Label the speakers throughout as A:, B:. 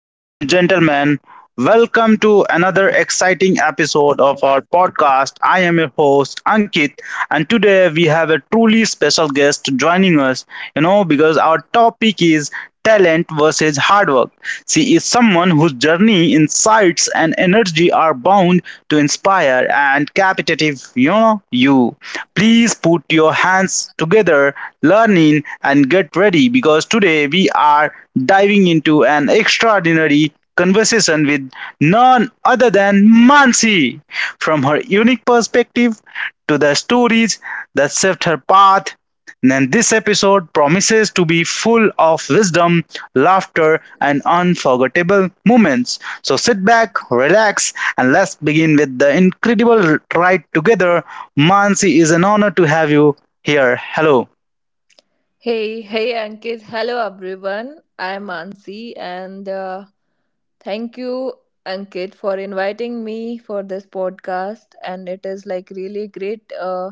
A: ladies and gentlemen. Welcome to another exciting episode of our podcast. I am your host Ankit, and today we have a truly special guest joining us, because our topic is talent versus hard work. She is someone whose journey, insights, and energy are bound to inspire and captivate you. Know, you. Please put your hands together, learn in, and get ready because today we are diving into an extraordinary conversation with none other than Mansi. From her unique perspective to the stories that shaped her path, and this episode promises to be full of wisdom, laughter, and unforgettable moments. So sit back, relax, and let's begin with the incredible ride together. Mansi, is an honor to have you here. Hello.
B: Hey, hey Ankit. Hello everyone. I'm Ansi and thank you Ankit for inviting me for this podcast, and it is like really great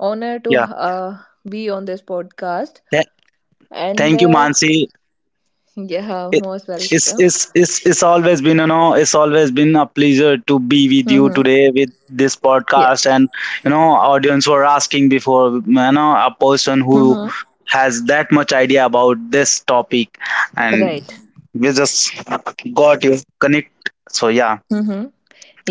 B: honor to
A: Yeah.
B: uh, be on this podcast
A: Th-
B: and
A: Thank you, Mansi.
B: yeah,
A: It,
B: most welcome.
A: it's always been, It's always been a pleasure to be with you
B: Mhm.
A: today with this
B: Yeah.
A: podcast, and audience were asking before, a person who
B: Mhm.
A: has that much idea about this topic, and
B: Right.
A: we just got you connect. So yeah,
B: Mm-hmm.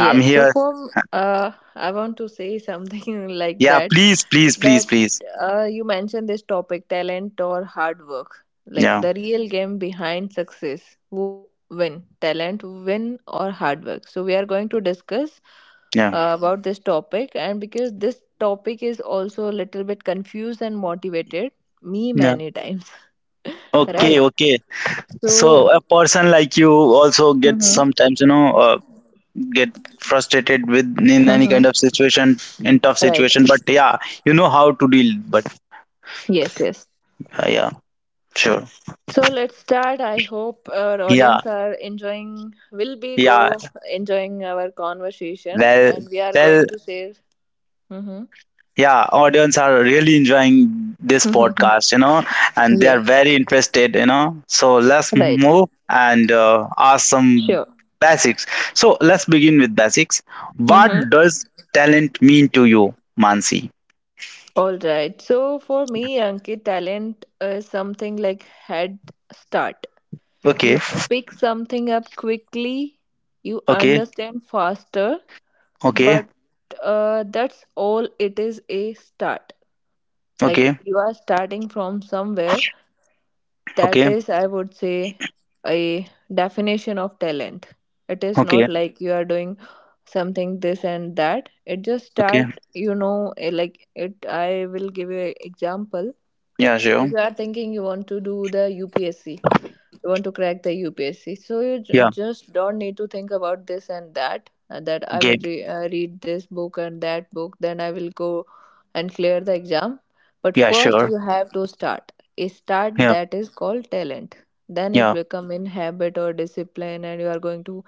A: I'm
B: so
A: here.
B: for I want to say something like
A: Yeah,
B: that
A: please, please, please,
B: that
A: please.
B: uh, you mentioned this topic, talent or hard work, like
A: Yeah,
B: the real game behind success. Who win, talent win or hard work? So we are going to discuss
A: yeah,
B: about this topic, and because this topic is also a little bit confused and motivated me
A: yeah.
B: many times
A: Okay,
B: right,
A: okay. So
B: so
A: a person like you also gets
B: Mhm.
A: sometimes, get frustrated with in any
B: Mhm.
A: kind of situation, in tough
B: Right.
A: situation, but yeah, you know how to deal. But
B: Yes, yes.
A: yeah, sure.
B: So let's start. I hope our
A: Yeah,
B: audience are enjoying, will be
A: yeah,
B: go enjoying our conversation,
A: well,
B: and we are going
A: well.
B: to say, mm-hmm.
A: Yeah, audience are really enjoying this podcast, and they are
B: Yes,
A: very interested. So let's
B: right,
A: move and ask some
B: sure.
A: basics. So let's begin with basics. What
B: Mm-hmm.
A: does talent mean to you, Mansi?
B: All right. So for me, Ankit, talent is something like head start.
A: Okay,
B: You pick something up quickly, you
A: okay,
B: understand faster,
A: okay,
B: but that's all. It is a start. Like
A: okay,
B: you are starting from somewhere. That
A: okay,
B: is, I would say, a definition of talent. It is
A: okay,
B: not like you are doing something this and that. It just
A: okay.
B: start, you know, like it. I will give you an example.
A: Yeah,
B: If
A: sure.
B: you are thinking you want to do the UPSC, you want to crack the UPSC. So you
A: Yeah,
B: just don't need to think about this and that. That I will
A: game.
B: read this book and that book, then I will go and clear the exam. But
A: Yeah,
B: first,
A: sure.
B: you have to start. A start,
A: Yeah,
B: that is called talent. Then it
A: yeah.
B: become in habit or discipline, and you are going to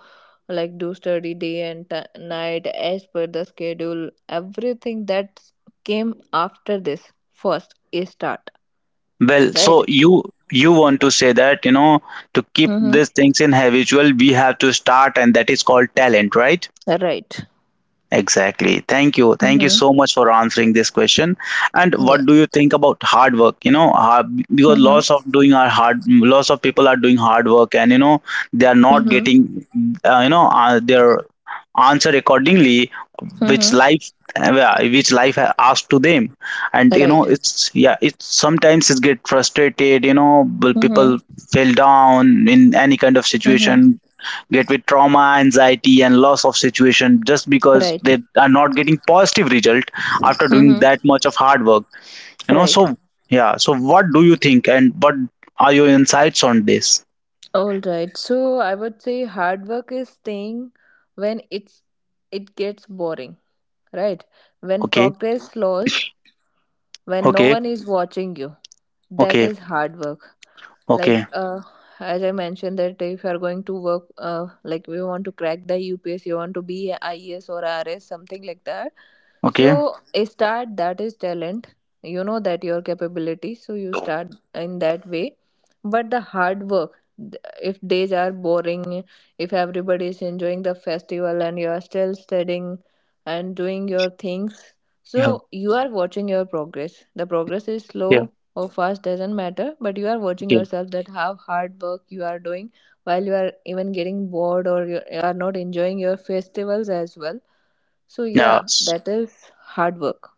B: like do study day and night as per the schedule. Everything that came after this first a start,
A: Well,
B: right?
A: so you want to say that, to keep
B: Mm-hmm.
A: these things in habitual, we have to start, and that is called talent, right?
B: Right.
A: Exactly. Thank you. Thank you
B: Mm-hmm.
A: so much for answering this question. And
B: Yeah.
A: what do you think about hard work? You know, because lots of
B: Mm-hmm.
A: doing are hard, lots of people are doing hard work, and they are not
B: Mm-hmm.
A: getting, their answer accordingly, which
B: Mm-hmm.
A: life, asked to them. And you know,
B: Right.
A: it's yeah, it's sometimes it get frustrated. You know, will
B: Mm-hmm.
A: people fell down in any kind of
B: Mm-hmm.
A: situation, get with trauma, anxiety, and loss of situation just because
B: Right.
A: they are not getting positive result after doing
B: Mm-hmm.
A: that much of hard work. You know,
B: Right.
A: so yeah. So what do you think, and what are your insights on this?
B: All right. So I would say hard work is staying when it gets boring, right? When
A: Okay,
B: progress slows, when no
A: okay,
B: one is watching you, that
A: okay,
B: is hard work, like
A: okay,
B: as I mentioned, that if you are going to work, like we want to crack the UPS, you want to be a ies or RS, something like that.
A: okay.
B: So a start, that is talent. You know that, your capability, so you start in that way. But the hard work, if days are boring, if everybody is enjoying the festival and you are still studying and doing your things,
A: Yeah,
B: so you are watching your progress. The progress is
A: yeah,
B: slow or fast doesn't matter, but you are watching
A: okay.
B: yourself that how hard work you are doing while you are even getting bored or you are not enjoying your festivals as well. So
A: Yeah.
B: yeah, that is hard work.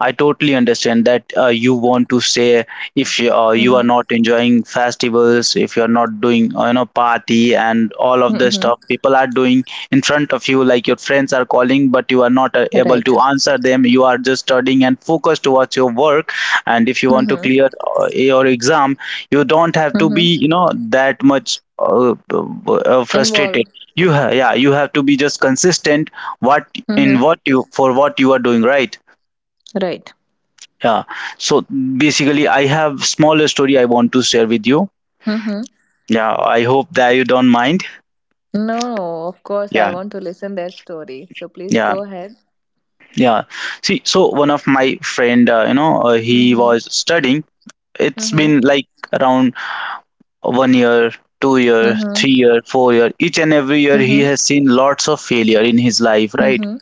A: I totally understand that, you want to say, if you are
B: Mm-hmm.
A: not enjoying festivals, if you are not doing, party and all of the
B: Mm-hmm.
A: stuff people are doing in front of you, like your friends are calling, but you are not able
B: Right.
A: to answer them. You are just studying and focused towards your work. And if you want to clear
B: Mm-hmm.
A: your exam, you don't have to be
B: Mm-hmm.
A: that much frustrated.
B: Involve.
A: Yeah, you have to be just consistent, what in
B: Mm-hmm.
A: what you for what you are doing, right?
B: Right.
A: Yeah. So basically, I have smaller story I want to share with you.
B: Mm-hmm.
A: Yeah, I hope that you don't mind.
B: No, no, of course I
A: Yeah,
B: want to listen their story. So please
A: yeah,
B: go ahead.
A: yeah. See, so one of my friend, he
B: Mm-hmm.
A: was studying. It's
B: Mm-hmm.
A: been like around 1 year, 2 year,
B: Mm-hmm.
A: 3 year, 4 year. Each and every year he
B: Mm-hmm.
A: has seen lots of failure in his life, right?
B: Mm-hmm.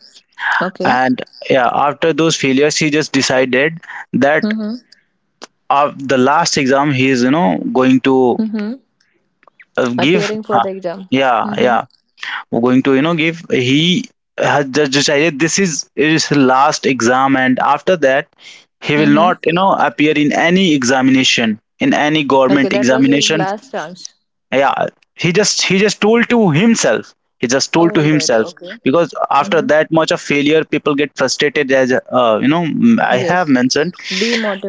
B: Okay.
A: And yeah, after those failures he just decided that,
B: Mm-hmm.
A: of the last exam, he is, going to
B: Mm-hmm.
A: give,
B: Appearing for
A: uh,
B: the exam.
A: yeah,
B: Mm-hmm.
A: yeah. We're going to, give. He has just decided this is his last exam, and after that he will
B: Mm-hmm.
A: not, appear in any examination, in any
B: Okay,
A: government
B: that was his
A: examination.
B: last chance.
A: Yeah, he just he just told to himself he just told to
B: All right.
A: himself.
B: Okay.
A: Because after
B: Mm-hmm.
A: that much of failure, people get frustrated, as, I have
B: Yes.
A: mentioned.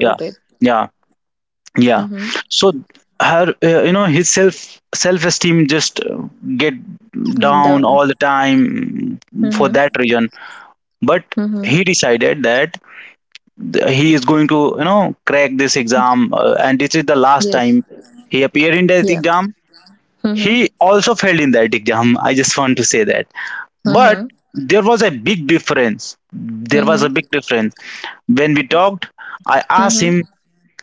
A: Yeah, yeah, yeah.
B: Mm-hmm.
A: So her, his self esteem just, get down
B: Down.
A: all the time for that
B: Mm-hmm.
A: reason. But
B: Mm-hmm.
A: he decided that he is going to, crack this exam, and this is the last
B: Yes.
A: time he appeared in that
B: Yeah.
A: exam.
B: Mm-hmm.
A: He also failed in that exam, I just want to say that. But
B: Mm-hmm.
A: there was a big difference,
B: Mm-hmm.
A: when we talked. I asked
B: Mm-hmm.
A: him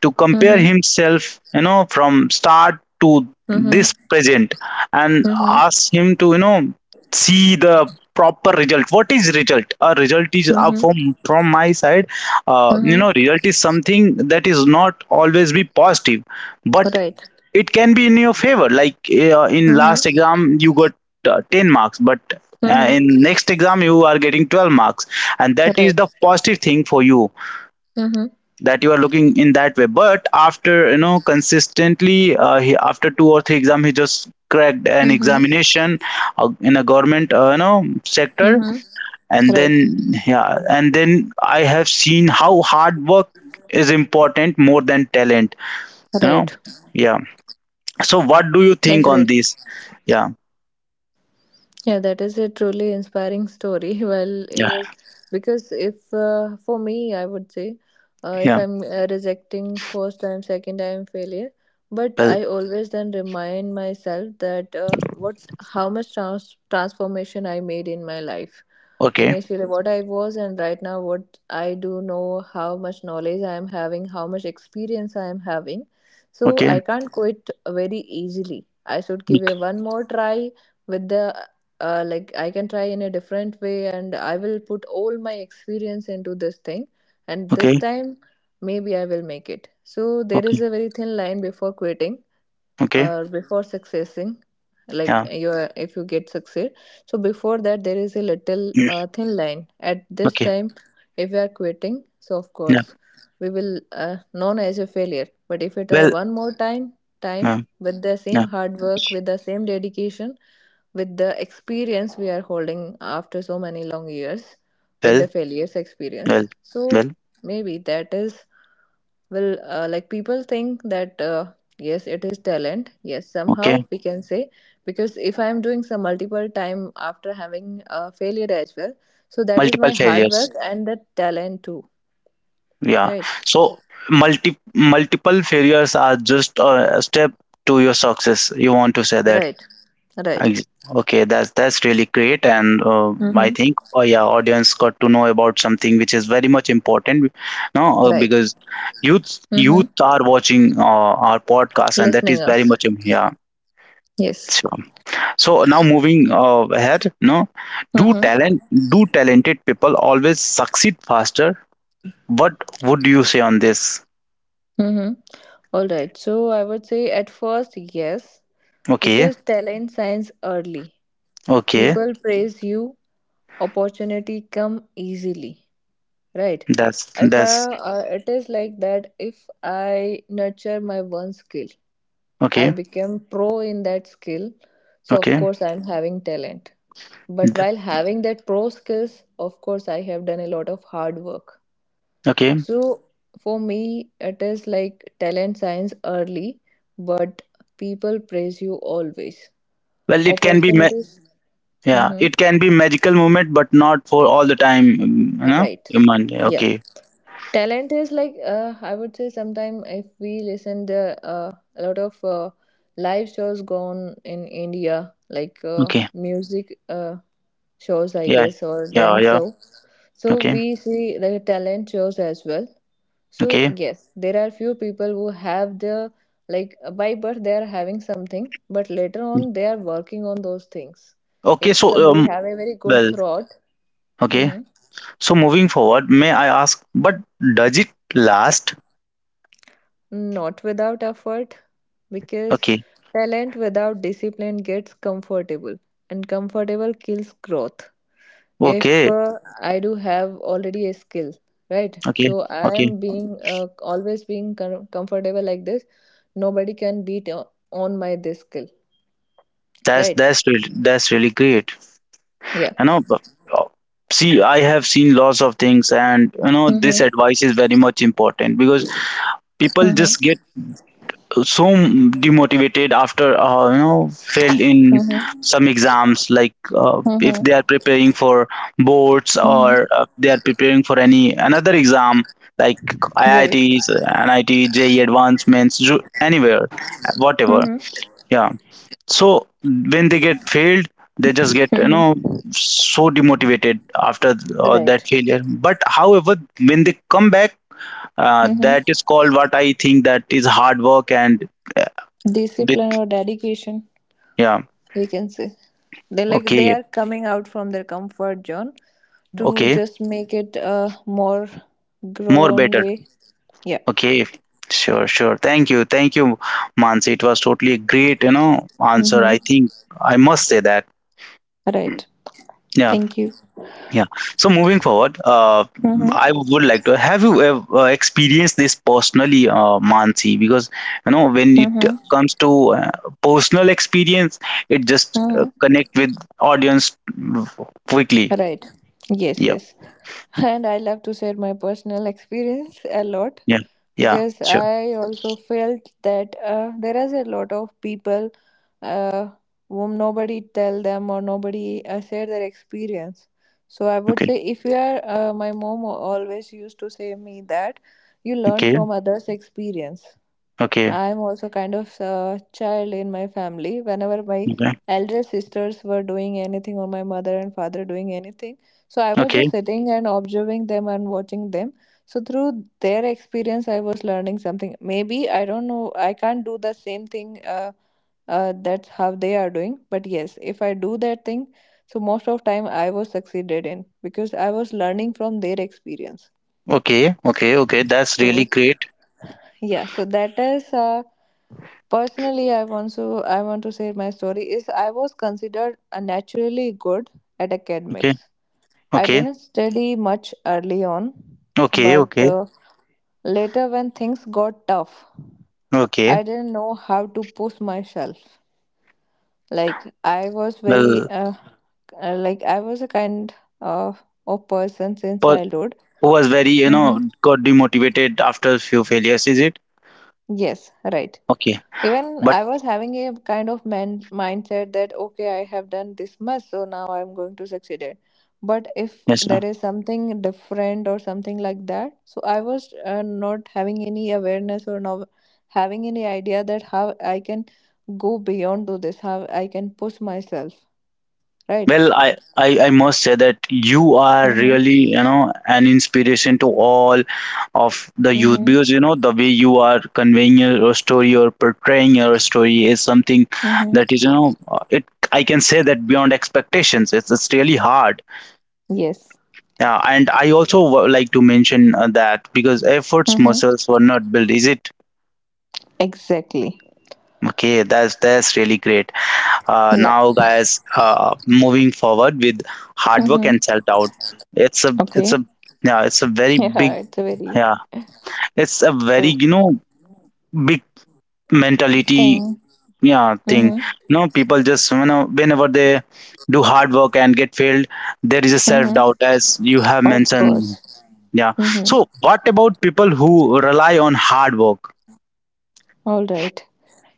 A: to compare
B: Mm-hmm.
A: himself, from start to
B: Mm-hmm.
A: this present, and ask him to, see the proper result. What is result? A result is,
B: Mm-hmm. Mm-hmm.
A: from my side,
B: Mm-hmm.
A: result is something that is not always be positive, but
B: Right.
A: it can be in your favor. Like, in last
B: Mm-hmm.
A: exam you got 10 marks, but in
B: Mm-hmm.
A: next exam you are getting 12 marks, and that is
B: Right.
A: the positive thing for you,
B: Mm-hmm.
A: that you are looking in that way. But after, consistently, he, after two or three exam he just cracked an
B: Mm-hmm.
A: examination, in a government, sector.
B: Mm-hmm.
A: And
B: Right.
A: then, yeah, and then I have seen how hard work is important more than talent, you know
B: Right.
A: yeah. So what do you think on
B: Agreed.
A: this? Yeah,
B: Yeah, that is a truly inspiring story. Well, it
A: yeah,
B: was because if for me, I would say if
A: yeah,
B: I'm rejecting first time, second time failure, but
A: well.
B: I always then remind myself that what how much transformation I made in my life,
A: Okay,
B: initially what I was and right now what I do, know how much knowledge I am having, how much experience I am having. So
A: okay,
B: I can't quit very easily. I should give a
A: okay,
B: one more try with the like I can try in a different way, and I will put all my experience into this thing, and this
A: okay,
B: time maybe I will make it. So there is
A: okay,
B: a very thin line before quitting
A: okay,
B: or before successing. Like
A: yeah.
B: you are- if you get succeed, so before that there is a little
A: Mm,
B: thin line. At this
A: okay,
B: time, if we are quitting, so of
A: yeah,
B: course we will known as a failure. But if we try
A: well.
B: one more time, time
A: Yeah,
B: with the
A: yeah,
B: same hard work, with the same dedication, with the experience we are holding after so many long years, with
A: well,
B: the failures experience,
A: well,
B: so
A: well,
B: maybe that is will like people think that yes, it is talent. Yes,
A: okay.
B: somehow we can say, because if I am doing some multiple time after having a failure as well, so that is
A: Multiple
B: my hard
A: failures,
B: work and the talent too.
A: yeah.
B: Right.
A: So multi multiple failures are just a step to your success, you want to say that?
B: Right. Right.
A: Ex- okay, that's really great. And, I
B: Mm-hmm.
A: think, oh yeah, audience got to know about something which is very much important, no.
B: Right.
A: Because youth
B: Mm-hmm.
A: youth are watching our podcast, and that
B: Listening
A: is very
B: us.
A: much yeah.
B: Yes.
A: So, so now moving, ahead, no? do
B: Mm-hmm.
A: talent do talented people always succeed faster? What would you say on this?
B: Mm-hmm. All right. So I would say at first, yes,
A: Okay,
B: because talent signs early.
A: okay,
B: People praise you, opportunity come easily. Right.
A: that's
B: If I,
A: that's
B: it is like that, if I nurture my one skill, I
A: okay,
B: become pro in that skill. So of
A: okay,
B: course I'm having talent. But
A: th-
B: while having that pro skills, of course I have done a lot of hard work.
A: okay.
B: So for me, it is like talent signs early, but people praise you always.
A: Well, it can be,
B: Opportunities.
A: yeah,
B: Mhm.
A: it can be magical moment, but not for all the time.
B: Right.
A: Human,
B: Yeah.
A: okay,
B: Talent is like I would say sometime if we listen the a lot of live shows gone in India, like
A: okay,
B: music shows, I
A: yeah,
B: guess, or
A: yeah,
B: dance
A: yeah,
B: show. So
A: okay,
B: we see the talent shows as well. So
A: okay,
B: yes, there are few people who have the like by birth they are having something, but later on they are working on those things.
A: okay.
B: If
A: So,
B: somebody have a very good
A: well,
B: throat,
A: okay.
B: mm-hmm,
A: So moving forward, may I ask, but does it last?
B: not without effort, because
A: Okay,
B: talent without discipline gets comfortable, and comfortable kills growth. If
A: okay,
B: I do have already a skill, right?
A: okay,
B: So I
A: okay.
B: am being always being comfortable like this. Nobody can beat on my this skill,
A: That's
B: right?
A: that's really that's really great.
B: Yeah.
A: you know b- uh, See, I have seen lots of things, and this
B: Mm-hmm.
A: advice is very much important. Because people
B: Mm-hmm.
A: just get so demotivated after, failed in
B: Mm-hmm.
A: some exams, like, if they are
B: Mm-hmm.
A: preparing for boards,
B: Mm-hmm.
A: or they are preparing for any another exam, like
B: Right.
A: IITs, NIT, JE advancements, anywhere, whatever,
B: Mm-hmm.
A: yeah. So when they get failed, they just get,
B: Mm-hmm.
A: so demotivated after that
B: Right.
A: failure. But however, when they come back, that
B: Mm-hmm.
A: is called, what I think, that is hard work, and uh, with,
B: Discipline or dedication.
A: yeah.
B: We can say they like they
A: Okay,
B: are coming out from their comfort zone to
A: okay,
B: just make it a more
A: more
B: grown
A: better.
B: way. Yeah.
A: Okay, sure, sure. Thank you, thank you, Mansi. It was totally great, answer, I
B: Mm-hmm.
A: think, I must say that,
B: Right.
A: yeah.
B: Thank you.
A: Yeah. So moving forward,
B: Mm-hmm.
A: I would like to have you, experienced this personally, Mansi? Because you know, when it
B: Mm-hmm.
A: comes to, personal experience, it just,
B: Mm-hmm.
A: connect with audience, quickly.
B: Right. Yes,
A: Yeah.
B: yes. And I love to share my personal experience a lot,
A: Yeah. Yeah.
B: because
A: Sure.
B: I also felt that there is a lot of people uh, whom nobody tell them or nobody share their experience. So I would
A: Okay.
B: say if you are, my mom always used to say me that you learn
A: Okay.
B: from others' experience.
A: Okay.
B: I'm also kind of a child in my family. Whenever my
A: Okay.
B: elder sisters were doing anything, or my mother and father doing anything, so I was just
A: Okay.
B: sitting and observing them and watching them. So through their experience, I was learning something. Maybe I don't know. I can't do the same thing. That's how they are doing. But yes, if I do that thing, so most of time I was succeeded in because I was learning from their experience.
A: Okay. Okay. Okay. That's really
B: So
A: great.
B: yeah, so that is personally I want to share my story is I was considered a naturally good at
A: Okay.
B: academics. I
A: Okay.
B: didn't study much early on,
A: Okay.
B: but
A: Okay.
B: later when things got tough,
A: Okay.
B: I didn't know how to push myself. Like I was very
A: Well,
B: like I was a kind uh, of person since
A: per-
B: childhood.
A: who was very,
B: Mm-hmm.
A: got demotivated after few failures? Is it?
B: Yes, right.
A: Okay.
B: Even
A: But
B: I was having a kind of mindset that, okay, I have done this much, so now I'm going to succeed it. But if
A: yes, sir.
B: there is something different or something like that, so I was not having any awareness or not having any idea that how I can go beyond to this, how I can push myself, right?
A: Well, I must say that you are
B: Mm-hmm.
A: really, an inspiration to all of the youth,
B: Mm-hmm.
A: because, the way you are conveying your story, or portraying your story, is something
B: Mm-hmm.
A: that is, it, I can say that, beyond expectations. It's really hard.
B: Yes.
A: Yeah, and I also like to mention that because efforts
B: Mm-hmm.
A: muscles were not built, is it?
B: Exactly.
A: Okay, that's really great.
B: Yeah.
A: Now guys, moving forward with hard work
B: Mm-hmm.
A: and self doubt, it's a,
B: Okay.
A: yeah, it's a very
B: Yeah,
A: big,
B: it's a very
A: yeah, it's a very,
B: true
A: big mentality,
B: thing.
A: yeah, thing.
B: Mm-hmm.
A: People just, whenever they do hard work and get failed, there is a self doubt, as you have
B: Of
A: mentioned,
B: course.
A: yeah.
B: Mm-hmm.
A: So what about people who rely on hard work?
B: All right.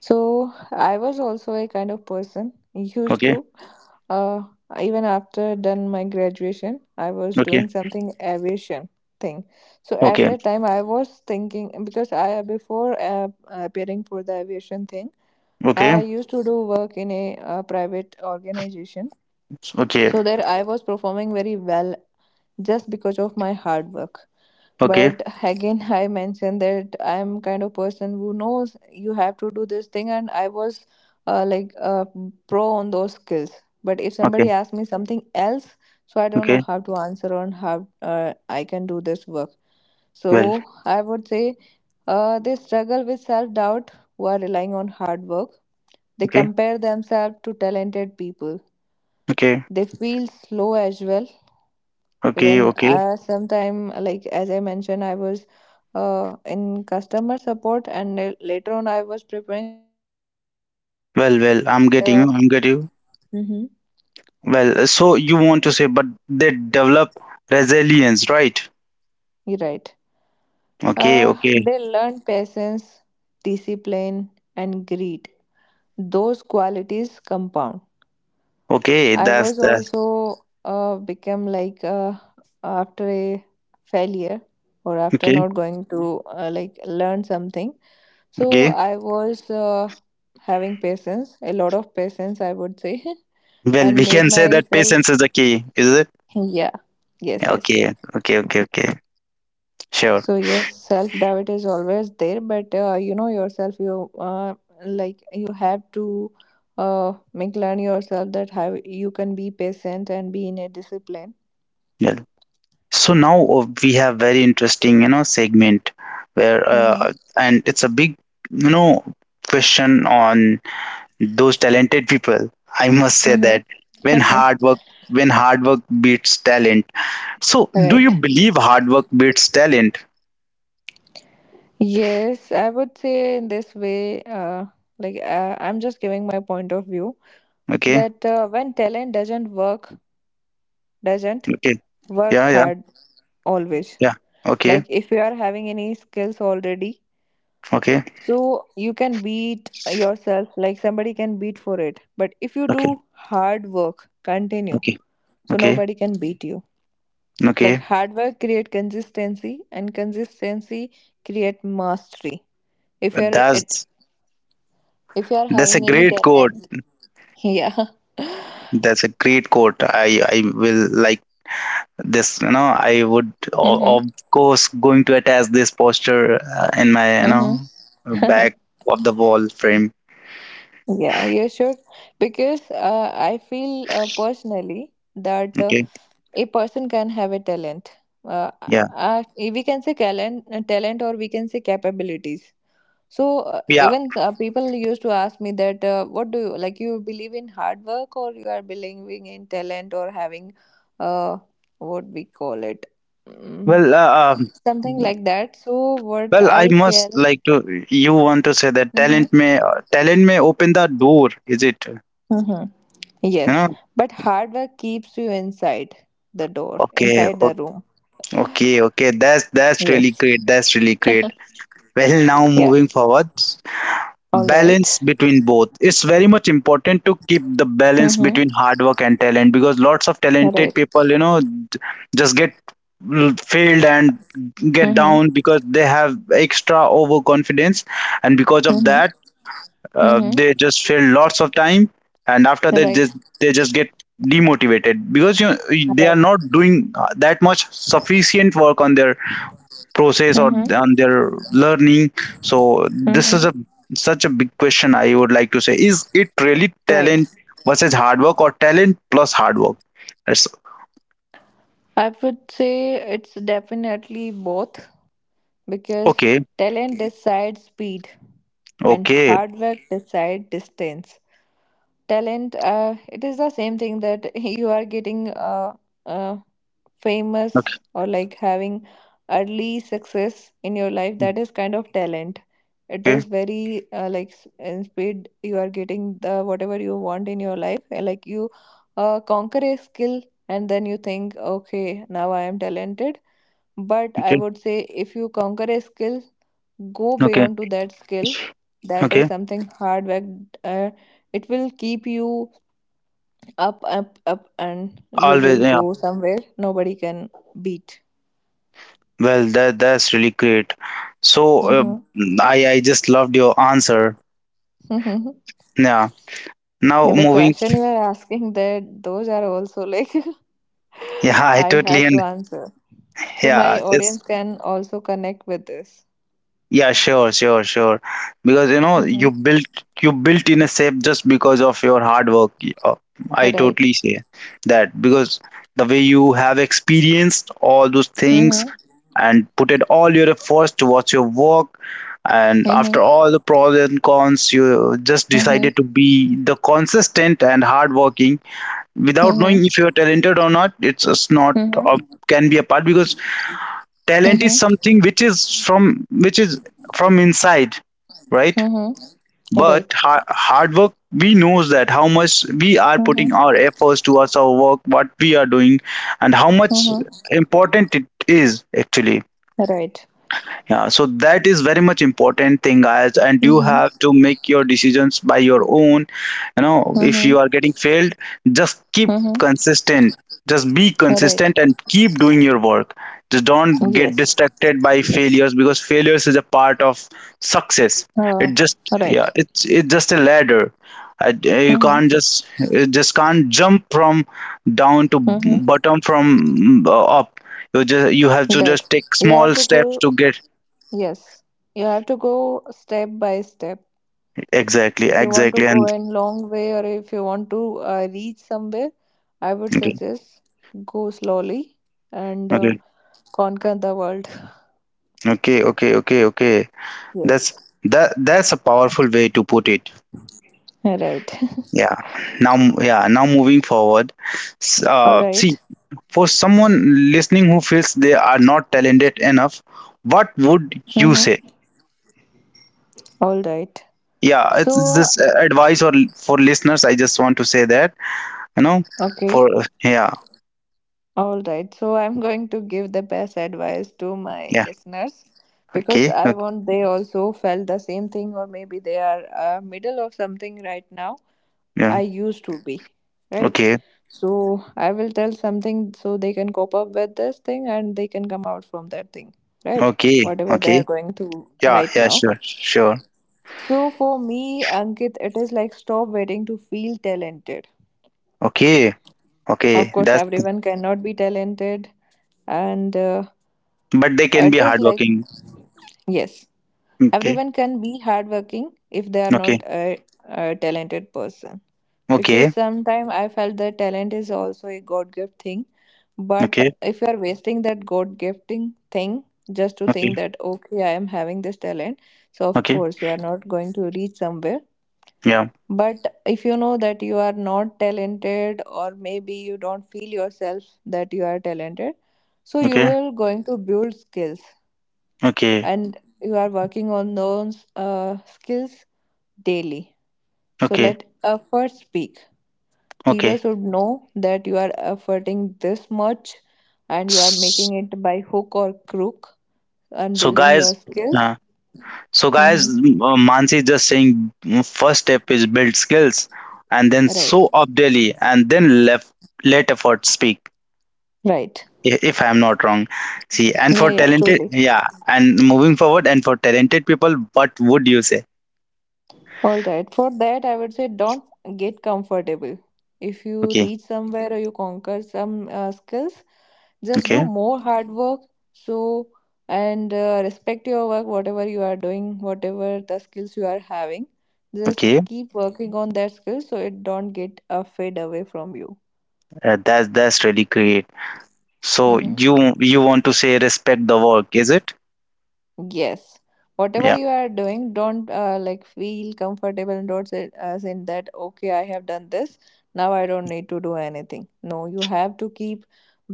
B: So I was also a kind of person used
A: Okay,
B: to, uh, even after done my graduation, I was doing
A: okay,
B: something aviation thing. So at
A: okay,
B: that time, I was thinking because I before appearing for the aviation thing, I
A: okay,
B: used to do work in a private organization.
A: okay,
B: So there, I was performing very well just because of my hard work.
A: okay,
B: But again I mentioned that I'm kind of person who knows you have to do this thing, and I was uh, like uh, pro on those skills. But if somebody
A: okay,
B: asks me something else, so I don't know
A: okay,
B: how to answer on how I can do this work. So
A: well,
B: I would say they struggle with self doubt who are relying on hard work. They
A: okay.
B: compare themselves to talented people.
A: Okay.
B: They feel slow as well,
A: Okay,
B: even
A: okay.
B: sometime, like as I mentioned, I was in customer support, and later on, I was preparing for like I was going into
A: Well, well, I'm
B: different.
A: getting you. I'm getting you.
B: Mm-hmm.
A: Well, so you want to say, but they develop resilience, right?
B: You're right.
A: Okay, okay,
B: They learn patience, discipline, and greed. Those qualities compound.
A: okay.
B: I
A: That's
B: was
A: that's
B: also become like after a failure or after
A: okay,
B: not going to like learn something. So
A: okay.
B: I was having patience, a lot of patience, I would say,
A: Well,
B: and
A: we
B: made
A: can say that
B: myself,
A: patience is the key, is it?
B: yeah, yes,
A: Yeah.
B: yes.
A: Okay, okay, okay, okay. Sure.
B: So yes, self doubt is always there, but you know yourself, you like you have to make learn yourself that how you can be patient and be in a discipline.
A: Well, so now, we have very interesting, segment where,
B: Mm-hmm.
A: and it's a big, you know, question on those talented people. I must say
B: Mm-hmm.
A: that, when hard work when hard work beats talent. So do you
B: Right.
A: believe hard work beats talent?
B: Yes, I would say in this way, like I'm just giving my point of view
A: Okay.
B: that when talent doesn't
A: Okay.
B: work
A: Yeah, yeah,
B: hard always.
A: yeah. Okay.
B: Like if you are having any skills already,
A: Okay.
B: so you can beat yourself, like somebody can beat for it. But if you
A: Okay.
B: do hard work, continue,
A: Okay.
B: so
A: Okay.
B: nobody can beat you. Like
A: Okay.
B: hard work create consistency, and consistency create mastery. if you're
A: That's
B: If you are
A: that's a
B: having any
A: great quote.
B: talent, yeah.
A: That's a great quote. I will like this you know I would o-
B: Mm-hmm.
A: of course going to attach this poster in my you
B: Mm-hmm.
A: know back of the wall frame.
B: Yeah, you should. Because I feel personally that
A: Okay,
B: a person can have a talent. Uh,
A: yeah,
B: we can say talent, or we can say capabilities. So
A: yeah.
B: even people used to ask me that, what do you like? You believe in hard work, or you are believing in talent, or having, uh, what we call it, mm,
A: Well, uh, um,
B: something like that. So what
A: well, I
B: I
A: must
B: feel.
A: like to. You want to say that
B: Mm-hmm.
A: talent may open the door, is it? You
B: Mm-hmm. Yes,
A: know?
B: but hard work keeps you inside the door,
A: Okay,
B: inside
A: o-
B: the room.
A: okay, okay. That's really
B: Yes.
A: great. That's really great. Well, now
B: Yeah.
A: moving forward,
B: All right.
A: balance between both. It's very much important to keep the balance
B: Mm-hmm.
A: between hard work and talent because lots of
B: All
A: talented
B: right.
A: people, you know, just get failed and get
B: Mm-hmm.
A: down because they have extra overconfidence, and because of
B: Mm-hmm.
A: that,
B: Mm-hmm.
A: they just fail lots of time, and after that
B: Right.
A: just they just get demotivated because, you know,
B: All
A: they are
B: right.
A: not doing that much sufficient work on their process or
B: Mm-hmm.
A: on their learning. So this is
B: Mm-hmm.
A: a such a big question. I would like to say, is it really
B: Right.
A: talent versus hard work, or talent plus hard work? That's
B: I would say it's definitely both because
A: okay,
B: talent decides speed and
A: okay,
B: hard work decides distance. Talent, it is the same thing that you are getting uh,
A: okay,
B: famous or like having early success in your life. That is kind of talent. It
A: okay,
B: is very like in speed you are getting the whatever you want in your life, like you conquer a skill and then you think, okay, now I am talented. But I
A: okay,
B: would say if you conquer a skill, go
A: okay,
B: beyond to that skill, that is
A: okay,
B: something hard work. uh, it will keep you up up up and you
A: always,
B: will
A: yeah.
B: go somewhere nobody can beat.
A: Well, that's really great. So uh,
B: Mm-hmm.
A: I just loved your answer.
B: Mm-hmm.
A: Yeah. Now
B: The
A: moving.
B: question you are asking that those are also like
A: Yeah, I
B: I
A: totally
B: have to
A: and
B: answer. So my
A: yeah, it's
B: audience can also connect with this.
A: yeah, sure, sure, sure. Because you know,
B: Mm-hmm.
A: you built in a shape just because of your hard work. I
B: Right.
A: totally say that because the way you have experienced all those things
B: Mm-hmm.
A: and put in all your efforts towards your work, and after
B: Mm-hmm.
A: all the pros and cons, you just
B: Mm-hmm.
A: decided to be the consistent and hardworking without
B: Mm-hmm.
A: knowing if you are talented or not. It's just not
B: Mm-hmm.
A: can be a part because talent is something which is from inside, right?
B: Mm-hmm. Mm-hmm.
A: But
B: Right.
A: hard work, we knows that how much we are
B: Mm-hmm.
A: putting our efforts towards our work, what we are doing, and how much
B: Mm-hmm.
A: important it is actually.
B: Right.
A: Yeah, so that is very much important thing, guys, and you
B: Mm-hmm.
A: have to make your decisions by your own. You know, if
B: Mm-hmm.
A: you are getting failed, just keep
B: Mm-hmm.
A: consistent. Just be
B: Right.
A: consistent and keep doing your work. Just don't get
B: Yes.
A: distracted by failures, because failures is a part of success.
B: Uh,
A: It just
B: right.
A: yeah, it's just a ladder. I, you
B: Mm-hmm.
A: can't just you just can't jump from down to
B: Mm-hmm.
A: bottom from up. You just you have to
B: Right.
A: just take
B: You have
A: small
B: to
A: steps
B: go.
A: to get
B: Yes, you have to go step by step.
A: exactly,
B: If you want to
A: exactly.
B: go
A: And
B: in long way or if you want to reach somewhere, I would
A: okay,
B: suggest go slowly and
A: okay,
B: conquer the world.
A: okay, okay, okay, okay. That's
B: Yes,
A: that's a powerful way to put it.
B: right.
A: Yeah. Now, yeah, now moving forward.
B: All
A: See,
B: right.
A: for someone listening who feels they are not talented enough, what would you say?
B: Mm-hmm. All right.
A: Yeah, it's
B: So,
A: just advice or for listeners. I just want to say that, you know,
B: okay.
A: for yeah,
B: All right. So, I'm going to give the best advice to my
A: yeah,
B: listeners because
A: okay,
B: I
A: okay,
B: want they also felt the same thing, or maybe they are middle of something right now. I
A: yeah,
B: used to be, right?
A: okay,
B: So I will tell something so they can cope up with this thing and they can come out from that thing, right?
A: okay,
B: Whatever they are
A: okay.
B: going through
A: Yeah,
B: right
A: yeah,
B: now.
A: sure, sure.
B: So for me, Ankit, it is like stop waiting to feel talented.
A: Okay,
B: Of
A: okay.
B: course,
A: That's
B: everyone cannot be talented, and
A: but they can be
B: it is like,
A: hardworking.
B: yes,
A: Okay.
B: everyone can be hardworking if they are not
A: Okay.
B: a talented person. Because
A: Okay.
B: sometimes I felt that talent is also a God gift thing.
A: Okay.
B: But if you are wasting that God gifting thing just to
A: Okay.
B: think that, okay, I am having this talent, so of
A: Okay.
B: course you are not going to reach somewhere.
A: Yeah.
B: But if you know that you are not talented, or maybe you don't feel yourself that you are talented, so you
A: Okay.
B: will going to build skills
A: Okay.
B: and you are working on those skills daily. So
A: Okay.
B: let effort speak. People
A: Okay.
B: should know that you are efforting this much and you are making
A: S-
B: it by hook or crook and
A: So
B: building your
A: guys,
B: skills.
A: uh, so guys,
B: Mm-hmm.
A: m- uh, Mansi is just saying mm, first step is build skills, and then
B: Right.
A: show up daily, and then left let effort speak.
B: Right.
A: If I'm not wrong, see, and
B: Yeah,
A: for
B: yeah,
A: talented,
B: truly.
A: yeah, and moving forward, and for talented people, what would you say?
B: All right. For that, I would say don't get comfortable. If you
A: Okay.
B: reach somewhere or you conquer some skills, just do
A: Okay.
B: more hard work. So, and respect your work, whatever you are doing, whatever the skills you are having. Just
A: Okay.
B: keep working on that skill so it don't get fade away from you.
A: That's really great. So
B: Mm-hmm.
A: you want to say respect the work, is it?
B: Yes. Whatever
A: Yeah.
B: you are doing, don't like feel comfortable and don't say as in that, okay, I have done this. Now I don't need to do anything. No, you have to keep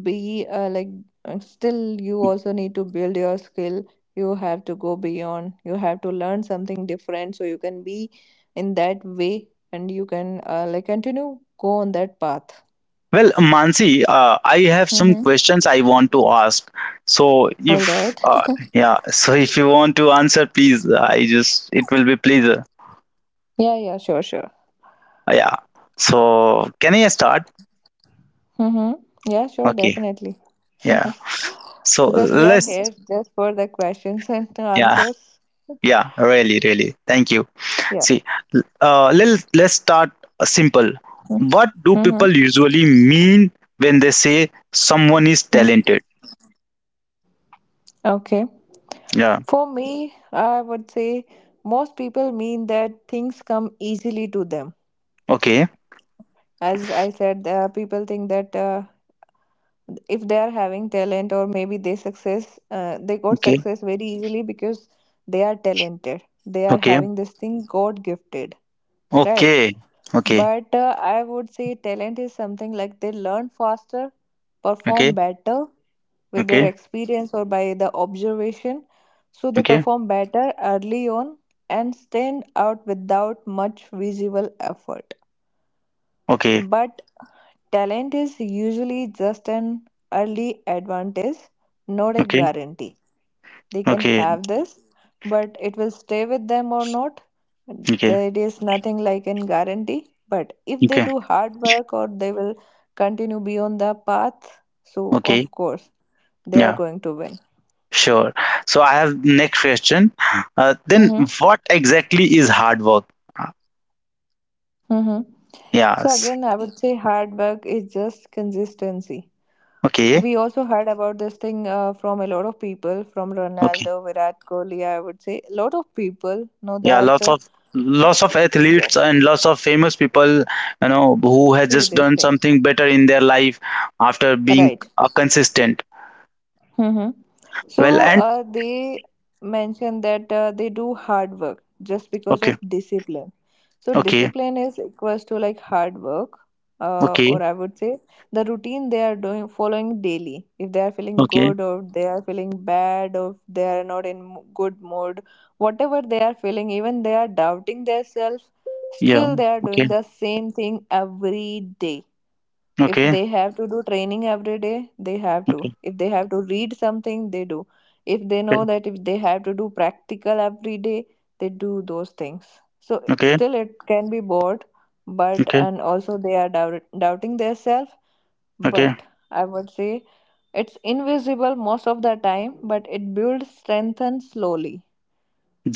B: be like still you also need to build your skill. You have to go beyond. You have to learn something different so you can be in that way and you can like continue go on that path.
A: Well, Mansi, I have some
B: Mm-hmm.
A: questions I want to ask. So
B: All
A: if
B: right.
A: yeah, so if you want to answer, please. I just it will be pleasure.
B: Yeah, yeah, sure, sure.
A: Yeah. So can I start?
B: Mm-hmm. Yeah, sure,
A: Okay.
B: definitely.
A: Yeah. So
B: Because we are
A: let's
B: here just for the questions and the
A: yeah,
B: answers.
A: yeah, really thank you.
B: Yeah.
A: See, let's start simple. What do
B: Mm-hmm.
A: people usually mean when they say someone is talented?
B: Okay.
A: Yeah.
B: For me, I would say most people mean that things come easily to them.
A: Okay,
B: As I said, people think that if they are having talent or maybe they success, they got
A: okay,
B: success very easily because they are talented. They are
A: okay,
B: having this thing God gifted, right?
A: okay, okay,
B: But I would say talent is something like they learn faster, perform
A: okay,
B: better with their
A: okay,
B: experience or by the observation. So they
A: okay, okay,
B: perform better early on and stand out without much visible effort.
A: okay,
B: But talent is usually just an early advantage, not a
A: okay,
B: guarantee. They can have this, but it will stay with them or not,
A: okay,
B: there is nothing like in guarantee. But if they
A: okay,
B: do hard work, or they will continue beyond the path, so
A: okay,
B: of course they are
A: yeah,
B: going to win.
A: sure. So I have next question. Then
B: Mm-hmm.
A: what exactly is hard work? Uh,
B: Mm-hmm. So again
A: Yes.
B: I would say hard work is just consistency.
A: Okay,
B: We also heard about this thing from a lot of people, from
A: okay.
B: Ronaldo, Virat Kohli, I would say a lot of people know
A: Yeah, lots
B: that,
A: of lots of athletes
B: yes.
A: and lots of famous people, you know, who has
B: See
A: just
B: this
A: done
B: thing,
A: something better in their life after being
B: right.
A: consistent.
B: Mm-hmm.
A: Well,
B: So
A: and
B: they mentioned that they do hard work just because
A: okay,
B: of discipline. So
A: okay,
B: discipline is equals to like hard work, or
A: okay,
B: I would say the routine they are doing following daily. If they are feeling
A: okay,
B: good or they are feeling bad or if they are not in good mood, whatever they are feeling, even they are doubting themselves,
A: yeah.
B: still they are doing
A: Okay.
B: the same thing every day. If
A: Okay.
B: they have to do training every day, they have to.
A: Okay.
B: If they have to read something, they do. If they
A: Okay.
B: know that if they have to do practical every day, they do those things. So
A: Okay.
B: still it can be bored, but
A: Okay.
B: and also they are doubting themselves.
A: Okay.
B: But I would say it's invisible most of the time, but it builds strength and slowly,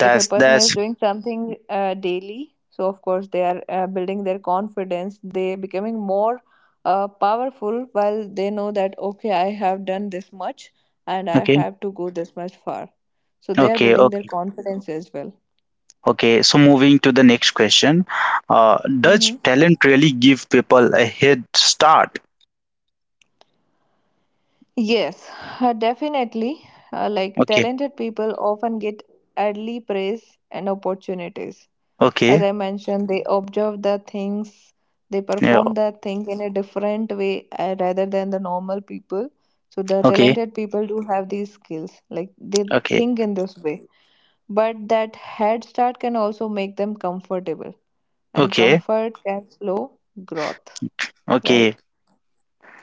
B: if a person is
A: that's
B: doing something daily, so of course they are building their confidence, they becoming more powerful while they know that okay, I have done this much and I
A: okay.
B: have to go this much far, so they are
A: Okay.
B: building their
A: Okay.
B: confidence as well.
A: Okay. So moving to the next question. Does
B: Hmm.
A: talent really give people a head start?
B: Yes, definitely. Like
A: Okay.
B: talented people often get early praise and opportunities. As
A: Okay.
B: I mentioned, they observe the things, they
A: Yeah.
B: perform that thing in a different way, rather than the normal people. So the
A: Okay.
B: talented people do have these skills, like they
A: Okay.
B: think in this way, but that head start can also make them comfortable and
A: Okay.
B: comfort can slow growth,
A: Okay.
B: right.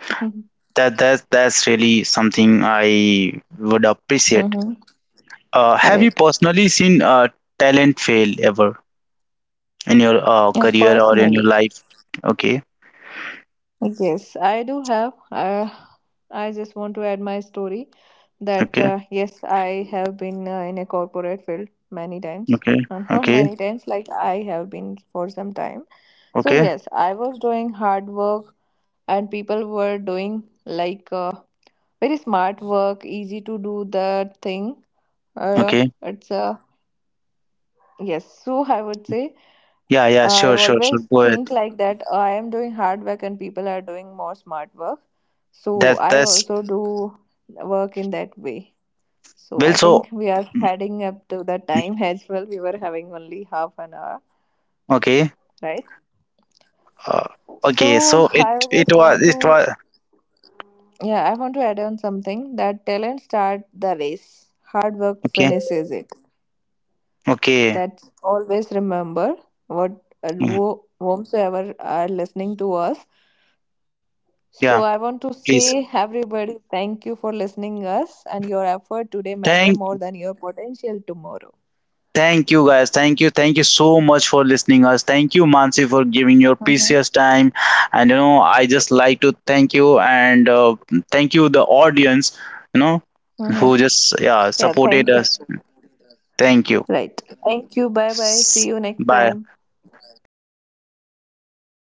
A: That's really something I would appreciate.
B: Mm-hmm.
A: Have
B: Right.
A: you personally seen talent fail ever in your
B: And
A: career or in your
B: personally.
A: life? Okay.
B: Yes, I do have. I just want to add my story that
A: Okay.
B: yes, I have been in a corporate field many times.
A: Okay.
B: Not
A: Okay.
B: many times, like I have been for some time. So
A: Okay,
B: yes, I was doing hard work, and people were doing like very smart work, easy to do the thing. Uh,
A: okay.
B: it's a Yes, so I would say
A: Yeah, yeah,
B: I
A: sure, sure, sure.
B: always
A: Go ahead.
B: think like that, "Oh, I am doing hard work and people are doing more smart work. So
A: That
B: I
A: that's
B: also do work in that way." So
A: well
B: I
A: so
B: think we are
A: mm,
B: heading up to the time as well. We were having only half an hour,
A: okay.
B: right?
A: Uh, okay,
B: So
A: so it
B: I
A: it
B: just
A: was
B: want
A: it
B: to
A: was
B: yeah, I want to add on something that talent start the race. Hard work
A: okay.
B: finishes it.
A: Okay.
B: That's always remember what
A: Mm,
B: whomsoever are listening to us. So
A: yeah,
B: I want to
A: please.
B: say everybody thank you for listening us and your effort today matter
A: Thank
B: more than your potential tomorrow.
A: Thank you, guys. Thank you. Thank you so much for listening us. Thank you, Mansi, for giving your precious
B: Mm-hmm.
A: time. And you know, I just like to thank you, and thank you the audience, you know, who
B: Mm-hmm.
A: just yeah,
B: Yeah,
A: supported
B: thank you.
A: us. Thank you.
B: Right. Thank you. Bye bye.
A: S-
B: See you next
A: Bye.
B: time.
A: See you.